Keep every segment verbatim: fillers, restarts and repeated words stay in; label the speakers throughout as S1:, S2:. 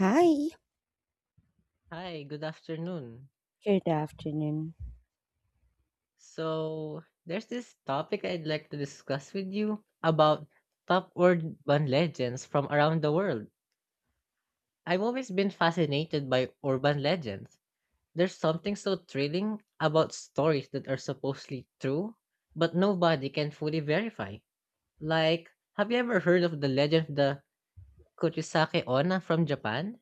S1: Hi.
S2: Hi, good afternoon.
S1: Good afternoon.
S2: So, there's this topic I'd like to discuss with you about top urban legends from around the world. I've always been fascinated by urban legends. There's something so thrilling about stories that are supposedly true, but nobody can fully verify. Like, have you ever heard of the legend of the Kuchisake Onna from Japan?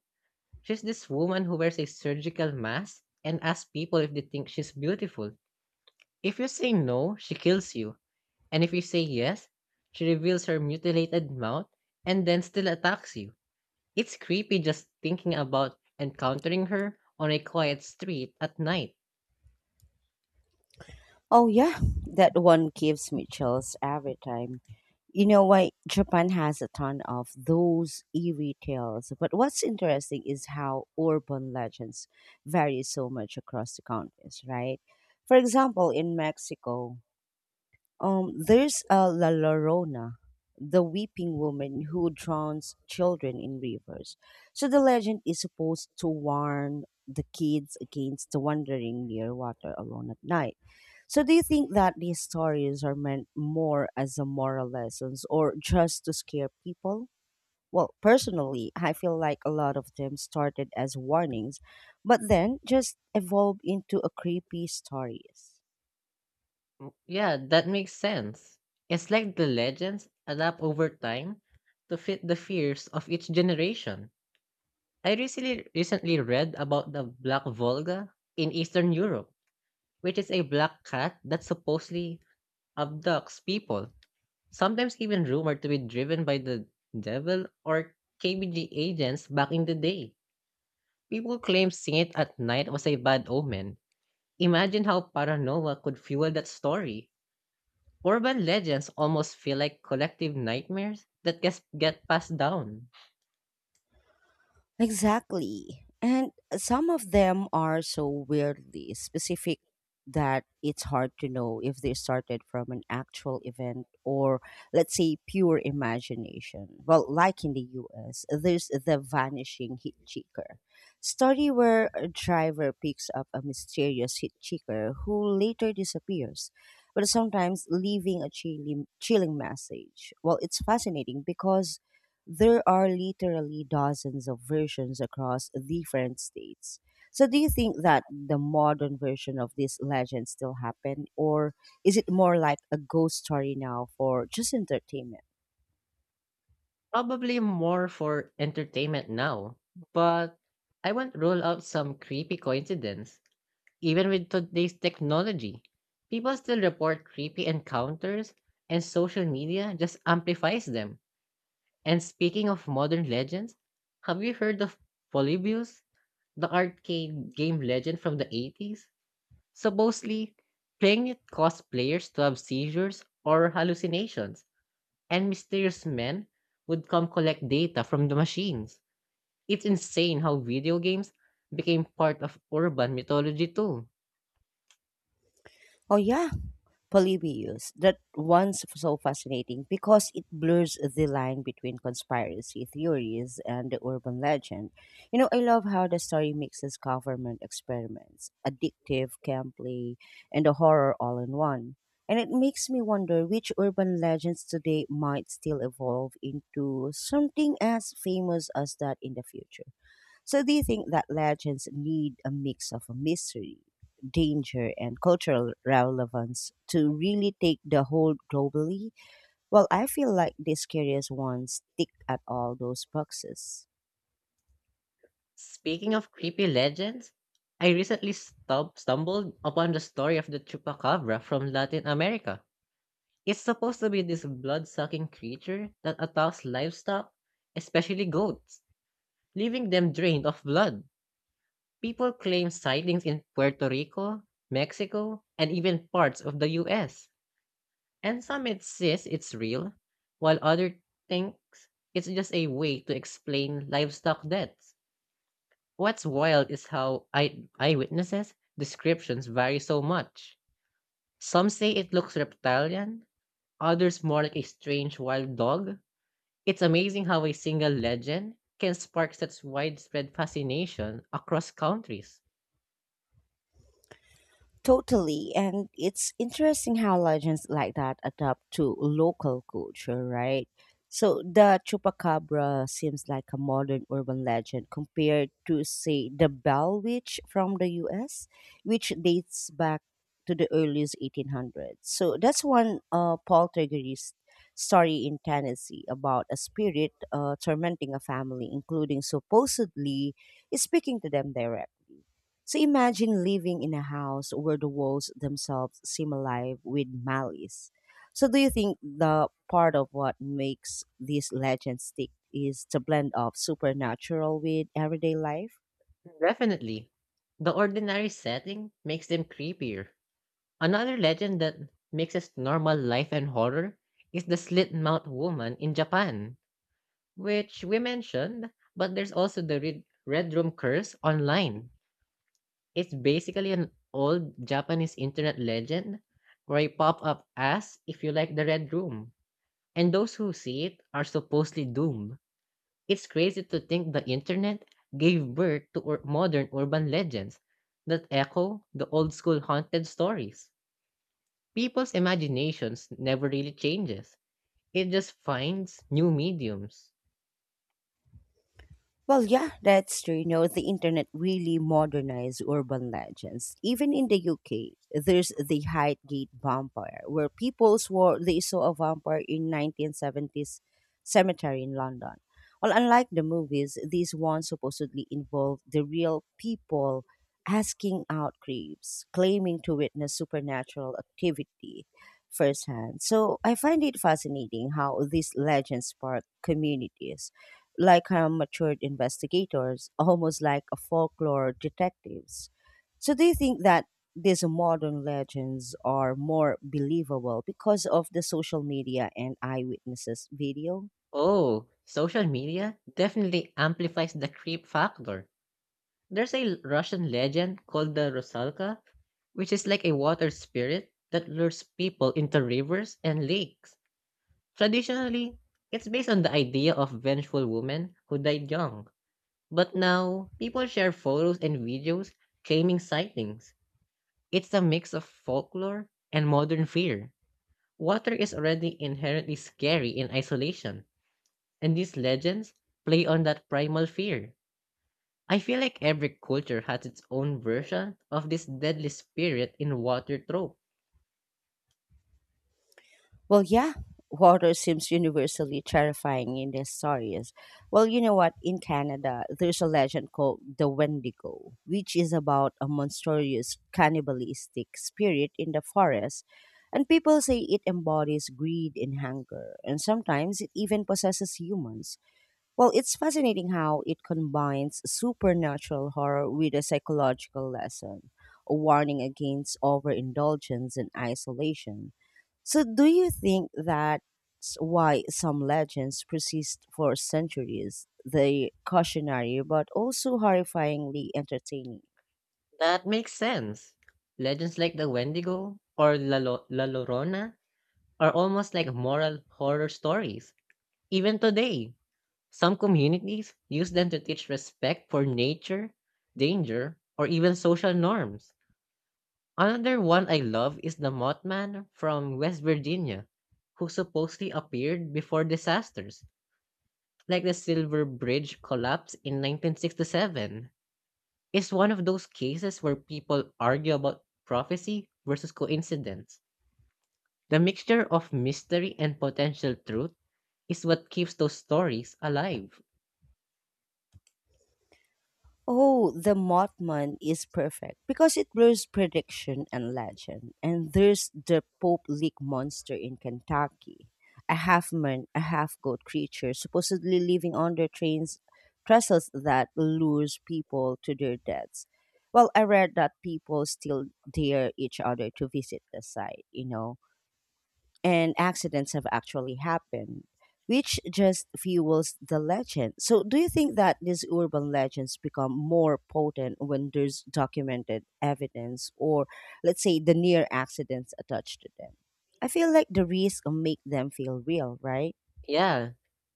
S2: She's this woman who wears a surgical mask and asks people if they think she's beautiful. If you say no, she kills you, and if you say yes, she reveals her mutilated mouth and then still attacks you. It's creepy just thinking about encountering her on a quiet street at night.
S1: Oh, yeah, that one gives me chills every time. You know why Japan has a ton of those eerie tales, but what's interesting is how urban legends vary so much across the countries, right? For example, in Mexico, Um, there's a La Llorona, the weeping woman who drowns children in rivers. So the legend is supposed to warn the kids against wandering near water alone at night. So do you think that these stories are meant more as a moral lessons or just to scare people? Well, personally, I feel like a lot of them started as warnings, but then just evolved into a creepy stories.
S2: Mm, yeah, that makes sense. It's like the legends adapt over time to fit the fears of each generation. I recently recently read about the Black Volga in Eastern Europe, which is a black cat that supposedly abducts people, sometimes even rumored to be driven by the devil or K B G agents back in the day. People claim seeing it at night was a bad omen. Imagine how paranoia could fuel that story. Urban legends almost feel like collective nightmares that gets get passed down.
S1: Exactly. And some of them are so weirdly specific that it's hard to know if they started from an actual event or, let's say, pure imagination. Well, like in the U S, there's the vanishing hitchhiker story where a driver picks up a mysterious hitchhiker who later disappears, but sometimes leaving a chilling, chilling message. Well, it's fascinating because there are literally dozens of versions across different states. So, do you think that the modern version of this legend still happened, or is it more like a ghost story now for just entertainment?
S2: Probably more for entertainment now, but I won't rule out some creepy coincidence. Even with today's technology, people still report creepy encounters, and social media just amplifies them. And speaking of modern legends, have you heard of Polybius, the arcade game legend from the eighties? Supposedly, playing it caused players to have seizures or hallucinations, and mysterious men would come collect data from the machines. It's insane how video games became part of urban mythology too.
S1: Oh, yeah. Polybius that once so fascinating because it blurs the line between conspiracy theories and the urban legend. You know, I love how the story mixes government experiments, addictive gameplay, and the horror all in one. And it makes me wonder which urban legends today might still evolve into something as famous as that in the future. So, do you think that legends need a mix of mystery, danger, and cultural relevance to really take the hold globally? Well, I feel like these curious ones tick at all those boxes.
S2: Speaking of creepy legends, I recently stub- stumbled upon the story of the chupacabra from Latin America. It's supposed to be this blood sucking creature that attacks livestock, especially goats, leaving them drained of blood. People claim sightings in Puerto Rico, Mexico, and even parts of the U S. And some insist it's real, while others think it's just a way to explain livestock deaths. What's wild is how eye- eyewitnesses' descriptions vary so much. Some say it looks reptilian, others more like a strange wild dog. It's amazing how a single legend can spark such widespread fascination across countries.
S1: Totally. And it's interesting how legends like that adapt to local culture, right? So the chupacabra seems like a modern urban legend compared to, say, the Bell Witch from the U S, which dates back to the earliest eighteen hundreds. So that's one uh, poltergeist story in Tennessee about a spirit uh, tormenting a family, including supposedly speaking to them directly. So imagine living in a house where the walls themselves seem alive with malice. So do you think the part of what makes this legend stick is the blend of supernatural with everyday life?
S2: Definitely, the ordinary setting makes them creepier. Another legend that mixes normal life and horror is the slit mouth woman in Japan, which we mentioned, but there's also the red, red room curse online. It's basically an old Japanese internet legend where you pop up as if you like the red room, and those who see it are supposedly doomed. It's crazy to think the internet gave birth to ur- modern urban legends that echo the old school haunted stories. People's imaginations never really changes. It just finds new mediums.
S1: Well, yeah, that's true. You know, the internet really modernized urban legends. Even in the U K, there's the Highgate vampire, where people swore they saw a vampire in nineteen seventies cemetery in London. Well, unlike the movies, these ones supposedly involved the real people asking out creeps, claiming to witness supernatural activity firsthand. So I find it fascinating how these legends spark communities like uh, matured investigators, almost like a folklore detectives. So do you think that these modern legends are more believable because of the social media and eyewitnesses video?
S2: Oh, social media definitely amplifies the creep factor. There's a Russian legend called the Rusalka, which is like a water spirit that lures people into rivers and lakes. Traditionally, it's based on the idea of vengeful women who died young. But now, people share photos and videos claiming sightings. It's a mix of folklore and modern fear. Water is already inherently scary in isolation, and these legends play on that primal fear. I feel like every culture has its own version of this deadly spirit in water trope.
S1: Well, yeah, water seems universally terrifying in these stories. Well, you know what? In Canada, there's a legend called the Wendigo, which is about a monstrous cannibalistic spirit in the forest. And people say it embodies greed and hunger, and sometimes it even possesses humans. Well, it's fascinating how it combines supernatural horror with a psychological lesson, a warning against overindulgence and isolation. So, do you think that's why some legends persist for centuries? They cautionary but also horrifyingly entertaining.
S2: That makes sense. Legends like the Wendigo or La, Lo- La Llorona are almost like moral horror stories. Even today, some communities use them to teach respect for nature, danger, or even social norms. Another one I love is the Mothman from West Virginia, who supposedly appeared before disasters, like the Silver Bridge collapse in nineteen sixty-seven. It's one of those cases where people argue about prophecy versus coincidence. The mixture of mystery and potential truth is what keeps those stories alive.
S1: Oh, the Mothman is perfect because it blurs prediction and legend. And there's the Pope Lick monster in Kentucky, a half man, a half goat creature supposedly living under trains trestles that lures people to their deaths. Well, I read that people still dare each other to visit the site, you know, and accidents have actually happened, which just fuels the legend. So, do you think that these urban legends become more potent when there's documented evidence or, let's say, the near accidents attached to them? I feel like the risks make them feel real, right?
S2: Yeah,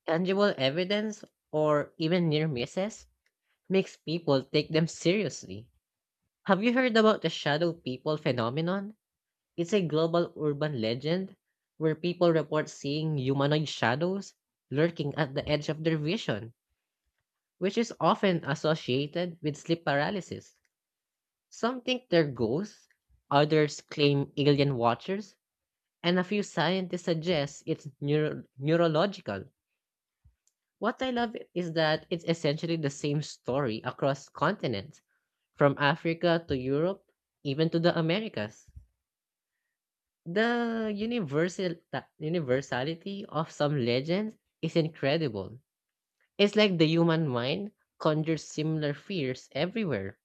S2: tangible evidence or even near misses makes people take them seriously. Have you heard about the shadow people phenomenon? It's a global urban legend where people report seeing humanoid shadows lurking at the edge of their vision, which is often associated with sleep paralysis. Some think they're ghosts, others claim alien watchers, and a few scientists suggest it's neuro- neurological. What I love is that it's essentially the same story across continents, from Africa to Europe, even to the Americas. The universal ta- universality of some legends is incredible. It's like the human mind conjures similar fears everywhere.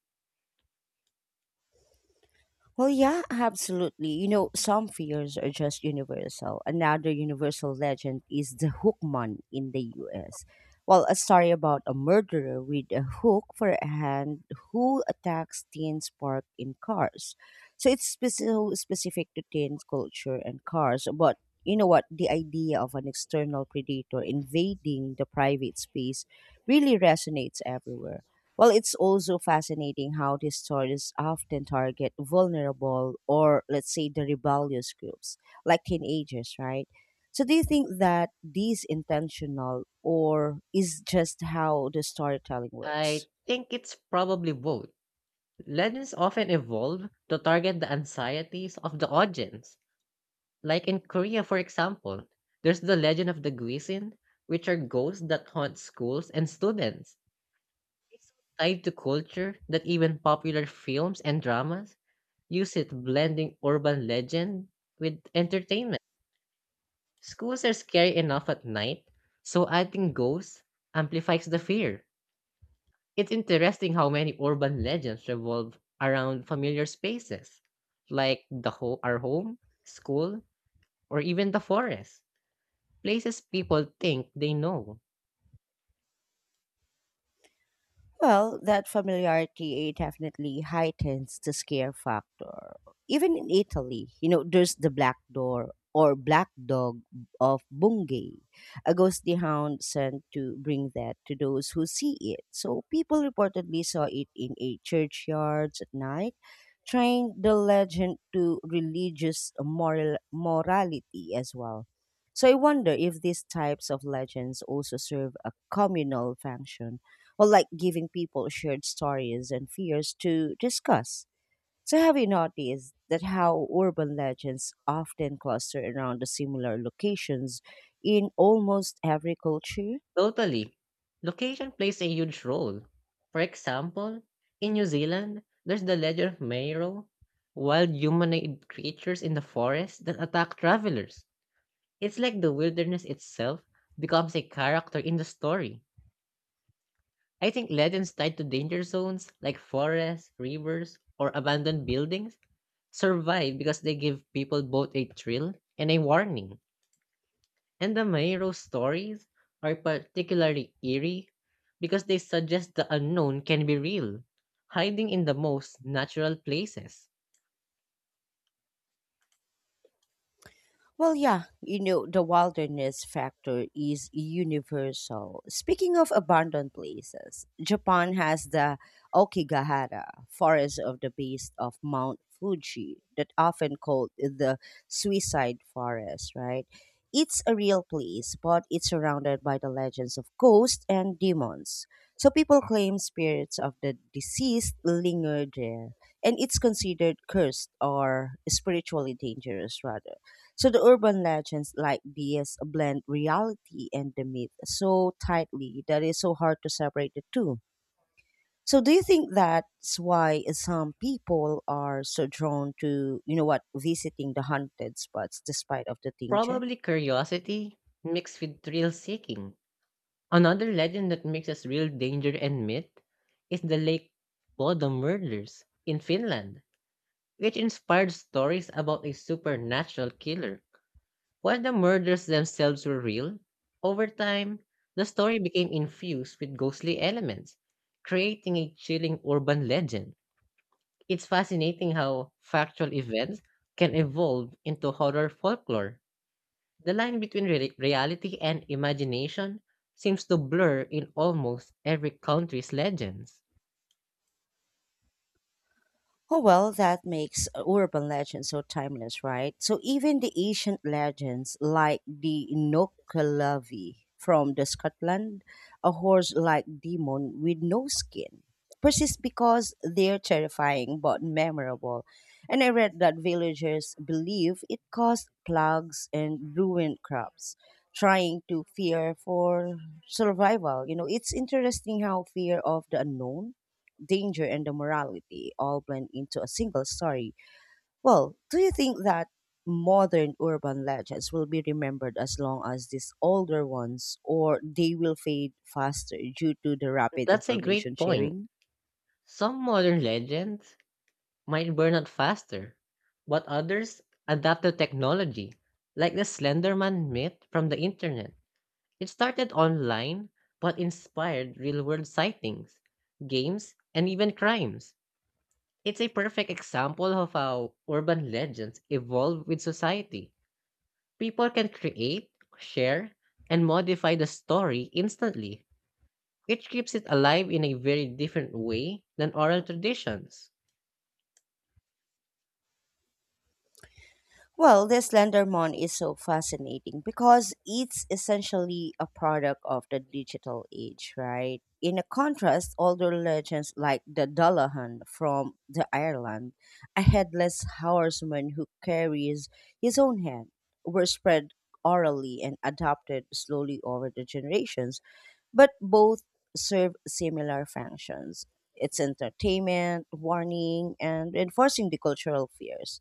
S1: Well, yeah, absolutely. You know, some fears are just universal. Another universal legend is the hookman in the U S. Well, a story about a murderer with a hook for a hand who attacks teens parked in cars. So it's speci- so specific to teens culture and cars, but you know what? The idea of an external predator invading the private space really resonates everywhere. Well, it's also fascinating how these stories often target vulnerable or, let's say, the rebellious groups, like teenagers, right? So, do you think that these intentional, or is just how the storytelling
S2: I
S1: works?
S2: think it's probably both. Legends often evolve to target the anxieties of the audience. Like in Korea, for example, there's the legend of the Guisin, which are ghosts that haunt schools and students. It's tied to culture that even popular films and dramas use it, blending urban legend with entertainment. Schools are scary enough at night, so adding ghosts amplifies the fear. It's interesting how many urban legends revolve around familiar spaces, like the ho- our home, school, or even the forest, places people think they know.
S1: Well, that familiarity definitely heightens the scare factor. Even in Italy, you know, there's the black door or black dog of Bungay, a ghostly hound sent to bring that to those who see it. So people reportedly saw it in a churchyard at night, tying the legend to religious moral morality as well. So I wonder if these types of legends also serve a communal function or like giving people shared stories and fears to discuss. So, have you noticed that how urban legends often cluster around the similar locations in almost every culture?
S2: Totally. Location plays a huge role. For example, in New Zealand, there's the legend of Mero, wild humanoid creatures in the forest that attack travelers. It's like the wilderness itself becomes a character in the story. I think legends tied to danger zones like forests, rivers, or abandoned buildings survive because they give people both a thrill and a warning. And the Mayro stories are particularly eerie because they suggest the unknown can be real, hiding in the most natural places.
S1: Well, yeah, you know, the wilderness factor is universal. Speaking of abandoned places, Japan has the Okigahara, forest of the base of Mount Fuji, that often called the suicide forest, right? It's a real place, but it's surrounded by the legends of ghosts and demons. So people claim spirits of the deceased linger there, and it's considered cursed or spiritually dangerous, rather. So the urban legends like these blend reality and the myth so tightly that it's so hard to separate the two. So do you think that's why some people are so drawn to, you know what, visiting the haunted spots despite of the danger?
S2: Probably curiosity mixed with thrill seeking. Another legend that mixes real danger and myth is the Lake Bodo murders in Finland, which inspired stories about a supernatural killer. While the murders themselves were real, over time, the story became infused with ghostly elements, creating a chilling urban legend. It's fascinating how factual events can evolve into horror folklore. The line between re- reality and imagination seems to blur in almost every country's legends.
S1: Oh, well, that makes uh, urban legends so timeless, right? So even the ancient legends like the Inokalavi from the Scotland, a horse-like demon with no skin, persist because they're terrifying but memorable. And I read that villagers believe it caused plagues and ruined crops, trying to fear for survival. You know, it's interesting how fear of the unknown danger and the morality all blend into a single story. Well, do you think that modern urban legends will be remembered as long as these older ones, or they will fade faster due to the rapid
S2: That's a great
S1: information
S2: point.
S1: sharing?
S2: Some modern legends might burn out faster, but others adapt to technology, like the Slenderman myth from the internet. It started online, but inspired real world sightings, games, and even crimes. It's a perfect example of how urban legends evolve with society. People can create, share, and modify the story instantly, which keeps it alive in a very different way than oral traditions.
S1: Well, this Slendermon is so fascinating because it's essentially a product of the digital age, right? In a contrast, older legends like the Dullahan from the Ireland, a headless horseman who carries his own head, were spread orally and adopted slowly over the generations, but both serve similar functions. It's entertainment, warning, and enforcing the cultural fears.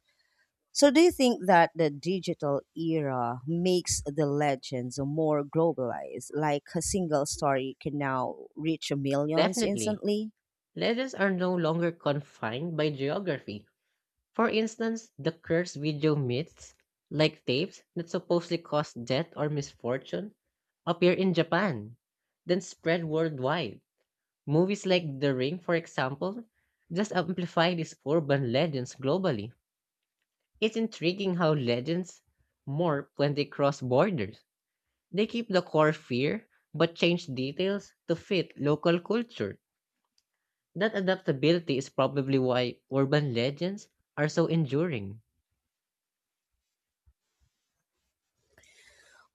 S1: So, do you think that the digital era makes the legends more globalized? Like a single story can now reach millions
S2: Definitely,
S1: instantly?
S2: legends are no longer confined by geography. For instance, the cursed video myths, like tapes that supposedly cause death or misfortune, appear in Japan, then spread worldwide. Movies like The Ring, for example, just amplify these urban legends globally. It's intriguing how legends morph when they cross borders. They keep the core fear but change details to fit local culture. That adaptability is probably why urban legends are so enduring.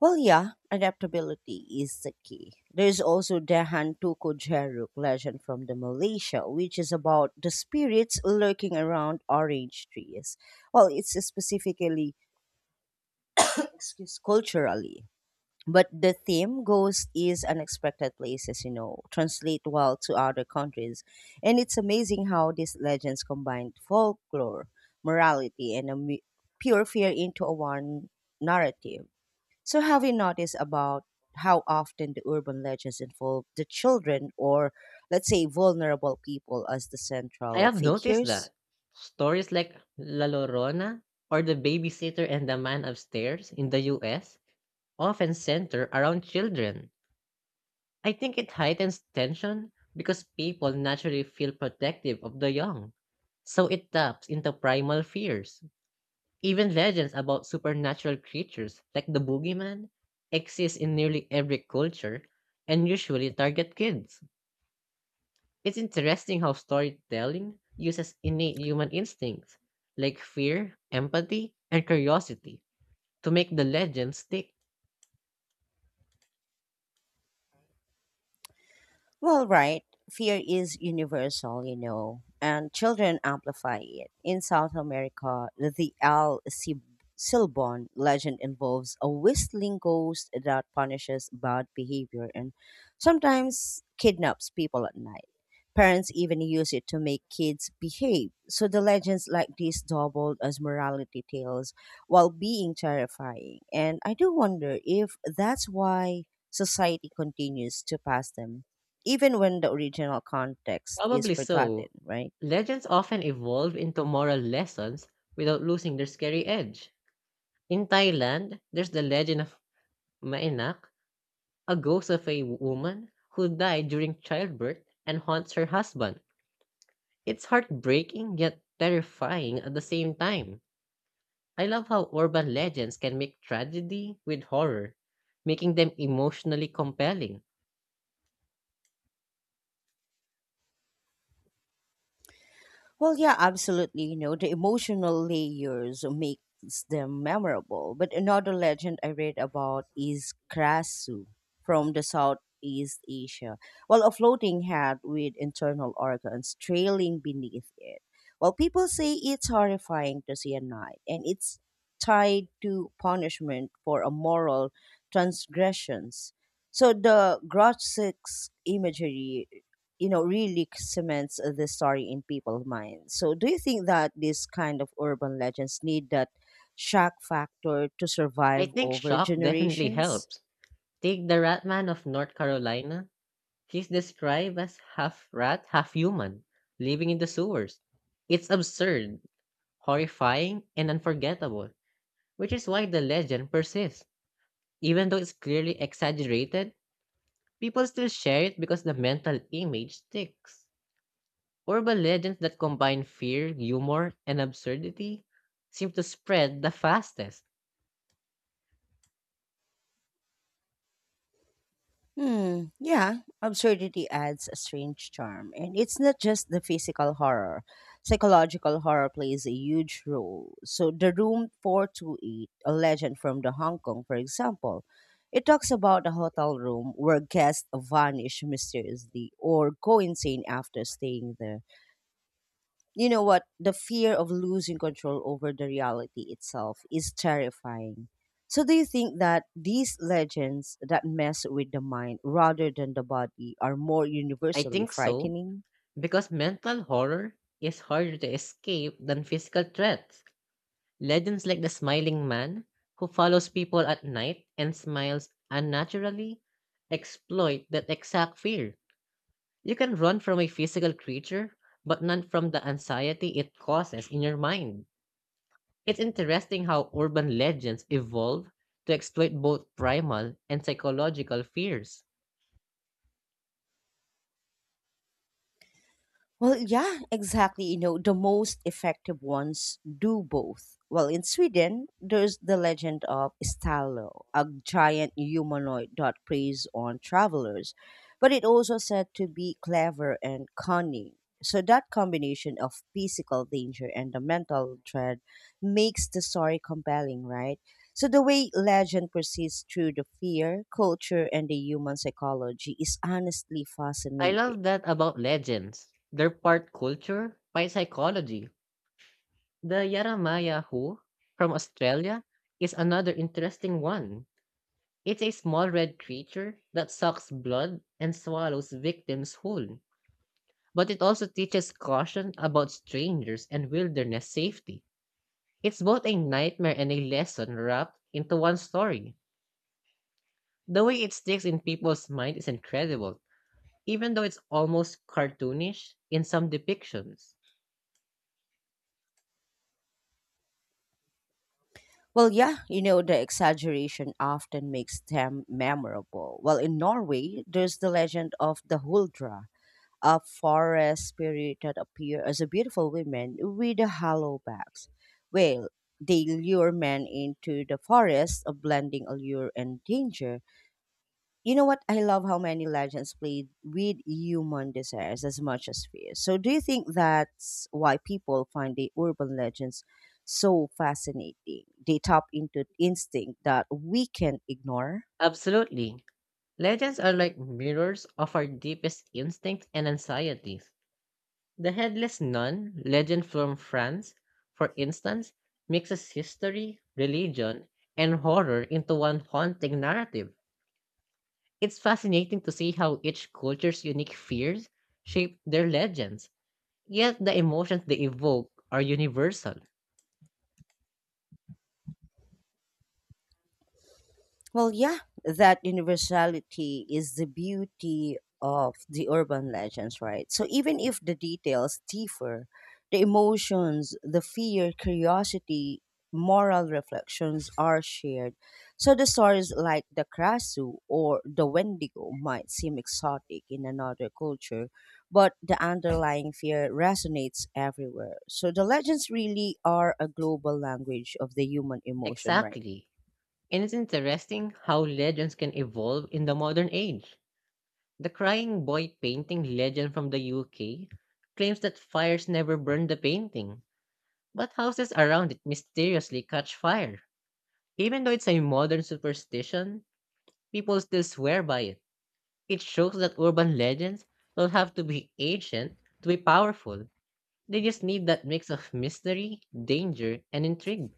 S1: Well, yeah, adaptability is the key. There's also Dahan Tuku Jeruk legend from the Malaysia, which is about the spirits lurking around orange trees. Well, it's specifically, excuse, culturally but the theme goes is unexpected places, you know, translate well to other countries, and it's amazing how these legends combined folklore morality and a mu- pure fear into a one narrative. So have you noticed about how often the urban legends involve the children or, let's say, vulnerable people as the
S2: I
S1: central
S2: have noticed
S1: figures?
S2: that stories like La Llorona or The Babysitter and the Man Upstairs in the U S often center around children. I think it heightens tension because people naturally feel protective of the young. So it taps into primal fears. Even legends about supernatural creatures like the boogeyman exist in nearly every culture and usually target kids. It's interesting how storytelling uses innate human instincts like fear, empathy, and curiosity to make the legend stick.
S1: Well, right. Fear is universal, you know, and children amplify it. In South America, the El Cib- Silbon legend involves a whistling ghost that punishes bad behavior and sometimes kidnaps people at night. Parents even use it to make kids behave. So the legends like this doubled as morality tales while being terrifying. And I do wonder if that's why society continues to pass them even when the original context is
S2: Probably
S1: forgotten,
S2: so.
S1: right?
S2: Legends often evolve into moral lessons without losing their scary edge. In Thailand, there's the legend of Maenak, a ghost of a woman who died during childbirth and haunts her husband. It's heartbreaking yet terrifying at the same time. I love how urban legends can make tragedy with horror, making them emotionally compelling.
S1: Well, yeah, absolutely. You know, the emotional layers makes them memorable. But another legend I read about is Krasu from the Southeast Asia. Well, a floating head with internal organs trailing beneath it. Well, people say it's horrifying to see at night, and it's tied to punishment for immoral transgressions. So the grotesque imagery, you know, really cements uh, the story in people's minds. So do you think that these kind of urban legends need that shock factor to
S2: I
S1: survive
S2: think
S1: over
S2: shock definitely
S1: generations?
S2: helps. Take the rat man of North Carolina. He's described as half rat, half human, living in the sewers. It's absurd, horrifying, and unforgettable, which is why the legend persists. Even though it's clearly exaggerated, people still share it because the mental image sticks. Urban legends that combine fear, humor, and absurdity seem to spread the fastest.
S1: Hmm. Yeah, absurdity adds a strange charm. And it's not just the physical horror. Psychological horror plays a huge role. So, The Room four two eight, a legend from the Hong Kong, for example, it talks about a hotel room where guests vanish mysteriously or go insane after staying there. You know what? The fear of losing control over the reality itself is terrifying. So, do you think that these legends that mess with the mind rather than the body are more
S2: I
S1: universally
S2: think so,
S1: frightening?
S2: because mental horror is harder to escape than physical threats. Legends like the smiling man who follows people at night and smiles unnaturally exploit that exact fear. You can run from a physical creature, but not from the anxiety it causes in your mind. It's interesting how urban legends evolve to exploit both primal and psychological fears.
S1: Well, yeah, exactly. You know, the most effective ones do both. Well, in Sweden, there's the legend of Stallo, a giant humanoid that preys on travelers, but it also said to be clever and cunning. So that combination of physical danger and the mental dread makes the story compelling, right? So the way legend persists through the fear, culture, and the human psychology is honestly
S2: I
S1: fascinating.
S2: love that about legends. They're part culture, part psychology. The Yaramaya Who from Australia is another interesting one. It's a small red creature that sucks blood and swallows victims whole. But it also teaches caution about strangers and wilderness safety. It's both a nightmare and a lesson wrapped into one story. The way it sticks in people's mind is incredible, even though it's almost cartoonish in some depictions.
S1: Well, yeah, you know, the exaggeration often makes them memorable. Well, in Norway, there's the legend of the Huldra, a forest spirit that appear as a beautiful woman with a hollow backs. Well, they lure men into the forest, a blending allure and danger. You know what? I love how many legends played with human desires as much as fear. So, do you think that's why people find the urban legends so fascinating? They tap into instinct that we can ignore.
S2: Absolutely. Legends are like mirrors of our deepest instincts and anxieties. The headless nun legend from France, for instance, mixes history, religion, and horror into one haunting narrative. It's fascinating to see how each culture's unique fears shape their legends, yet the emotions they evoke are universal.
S1: Well, yeah, that universality is the beauty of the urban legends, right? So even if the details differ, the emotions, the fear, curiosity, moral reflections are shared. So the stories like the Krasu or the Wendigo might seem exotic in another culture, but the underlying fear resonates everywhere. So the legends really are a global language of the human emotion, right?
S2: Exactly. And it's interesting how legends can evolve in the modern age. The crying boy painting legend from the U K claims that fires never burn the painting, but houses around it mysteriously catch fire. Even though it's a modern superstition, people still swear by it. It shows that urban legends don't have to be ancient to be powerful. They just need that mix of mystery, danger, and intrigue.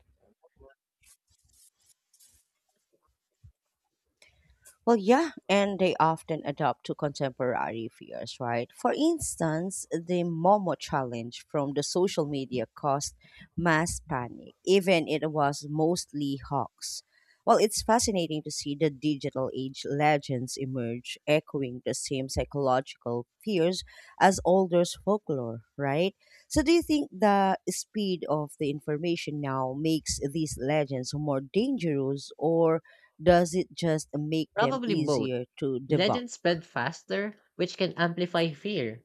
S1: Well, yeah, and they often adapt to contemporary fears, right? For instance, the Momo challenge from the social media caused mass panic, even it was mostly hawks. Well, it's fascinating to see the digital age legends emerge, echoing the same psychological fears as older folklore, right? So, do you think the speed of the information now makes these legends more dangerous, or does it just make them
S2: Probably both.
S1: easier to debunk?
S2: Legends spread faster, which can amplify fear,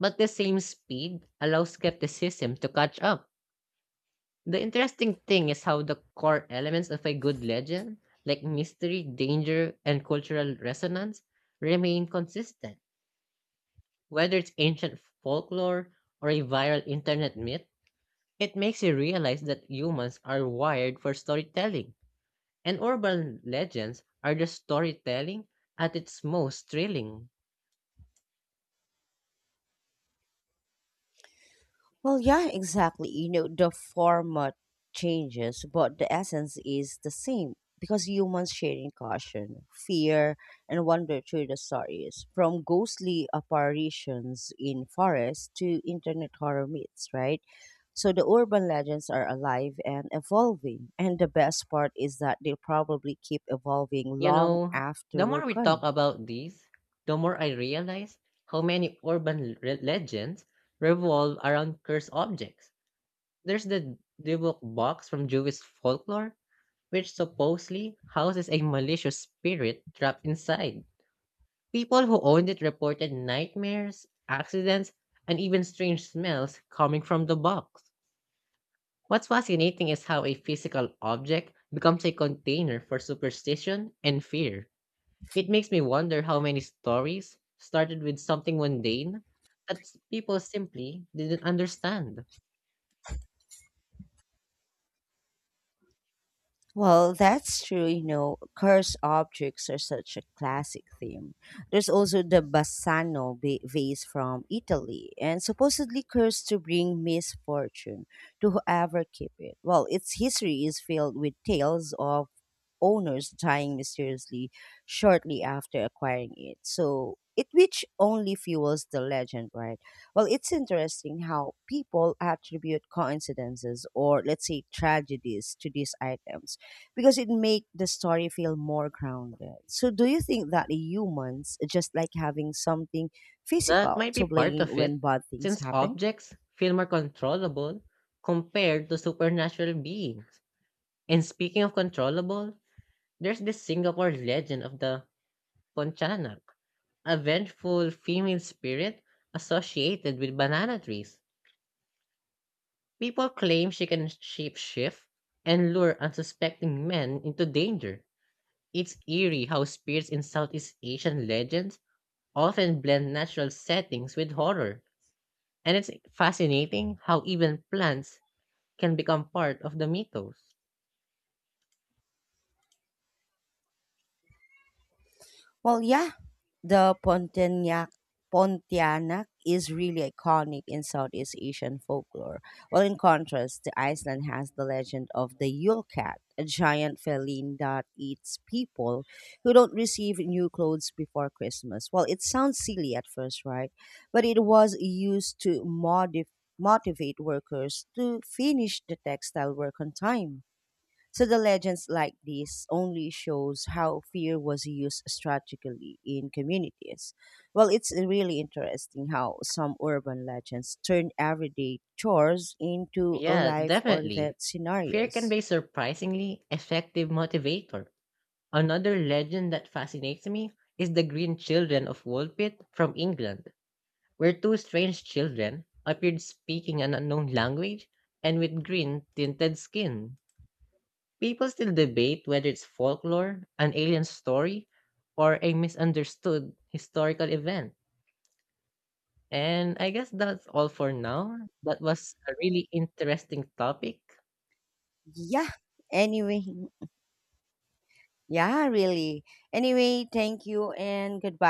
S2: but the same speed allows skepticism to catch up. The interesting thing is how the core elements of a good legend, like mystery, danger, and cultural resonance, remain consistent. Whether it's ancient folklore or a viral internet myth, it makes you realize that humans are wired for storytelling, and urban legends are just storytelling at its most thrilling.
S1: Well, yeah, exactly. You know, the format changes, but the essence is the same because humans sharing caution, fear, and wonder through the stories from ghostly apparitions in forests to internet horror myths, right? So the urban legends are alive and evolving, and the best part is that they'll probably keep evolving
S2: You
S1: long
S2: know,
S1: after
S2: the more
S1: we're
S2: we talk
S1: gone.
S2: about these, the more I realize how many urban re- legends revolve around cursed objects. There's the Dibuk box from Jewish folklore, which supposedly houses a malicious spirit trapped inside. People who owned it reported nightmares, accidents, and even strange smells coming from the box. What's fascinating is how a physical object becomes a container for superstition and fear. It makes me wonder how many stories started with something mundane that s- people simply didn't understand.
S1: Well, that's true. You know, cursed objects are such a classic theme. There's also the Bassano ba- vase from Italy, and supposedly cursed to bring misfortune to whoever keep it. Well, its history is filled with tales of owners dying mysteriously shortly after acquiring it. So it which only fuels the legend, right? Well, it's interesting how people attribute coincidences or, let's say, tragedies to these items because it make the story feel more grounded. So do you think that humans just like having something
S2: That
S1: physical
S2: might be
S1: to
S2: part
S1: blame
S2: of
S1: when
S2: it,
S1: bad things
S2: since
S1: happen?
S2: objects feel more controllable compared to supernatural beings. And speaking of controllable, there's this Singapore legend of the Pontianak, a vengeful female spirit associated with banana trees. People claim she can shapeshift and lure unsuspecting men into danger. It's eerie how spirits in Southeast Asian legends often blend natural settings with horror, and it's fascinating how even plants can become part of the mythos.
S1: Well, yeah, the Pontianak Pontianak is really iconic in Southeast Asian folklore. Well, in contrast, the Iceland has the legend of the Yule Cat, a giant feline that eats people who don't receive new clothes before Christmas. Well, it sounds silly at first, right? But it was used to modif- motivate workers to finish the textile work on time. So the legends like this only shows how fear was used strategically in communities. Well, it's really interesting how some urban legends turn everyday chores into a
S2: Yeah,
S1: life or
S2: definitely.
S1: death
S2: Fear can
S1: scenarios.
S2: be a surprisingly effective motivator. Another legend that fascinates me is the Green Children of Woolpit from England, where two strange children appeared speaking an unknown language and with green tinted skin. People still debate whether it's folklore, an alien story, or a misunderstood historical event. And I guess that's all for now. That was a really interesting topic.
S1: Yeah. Anyway, yeah, really. Anyway, thank you and goodbye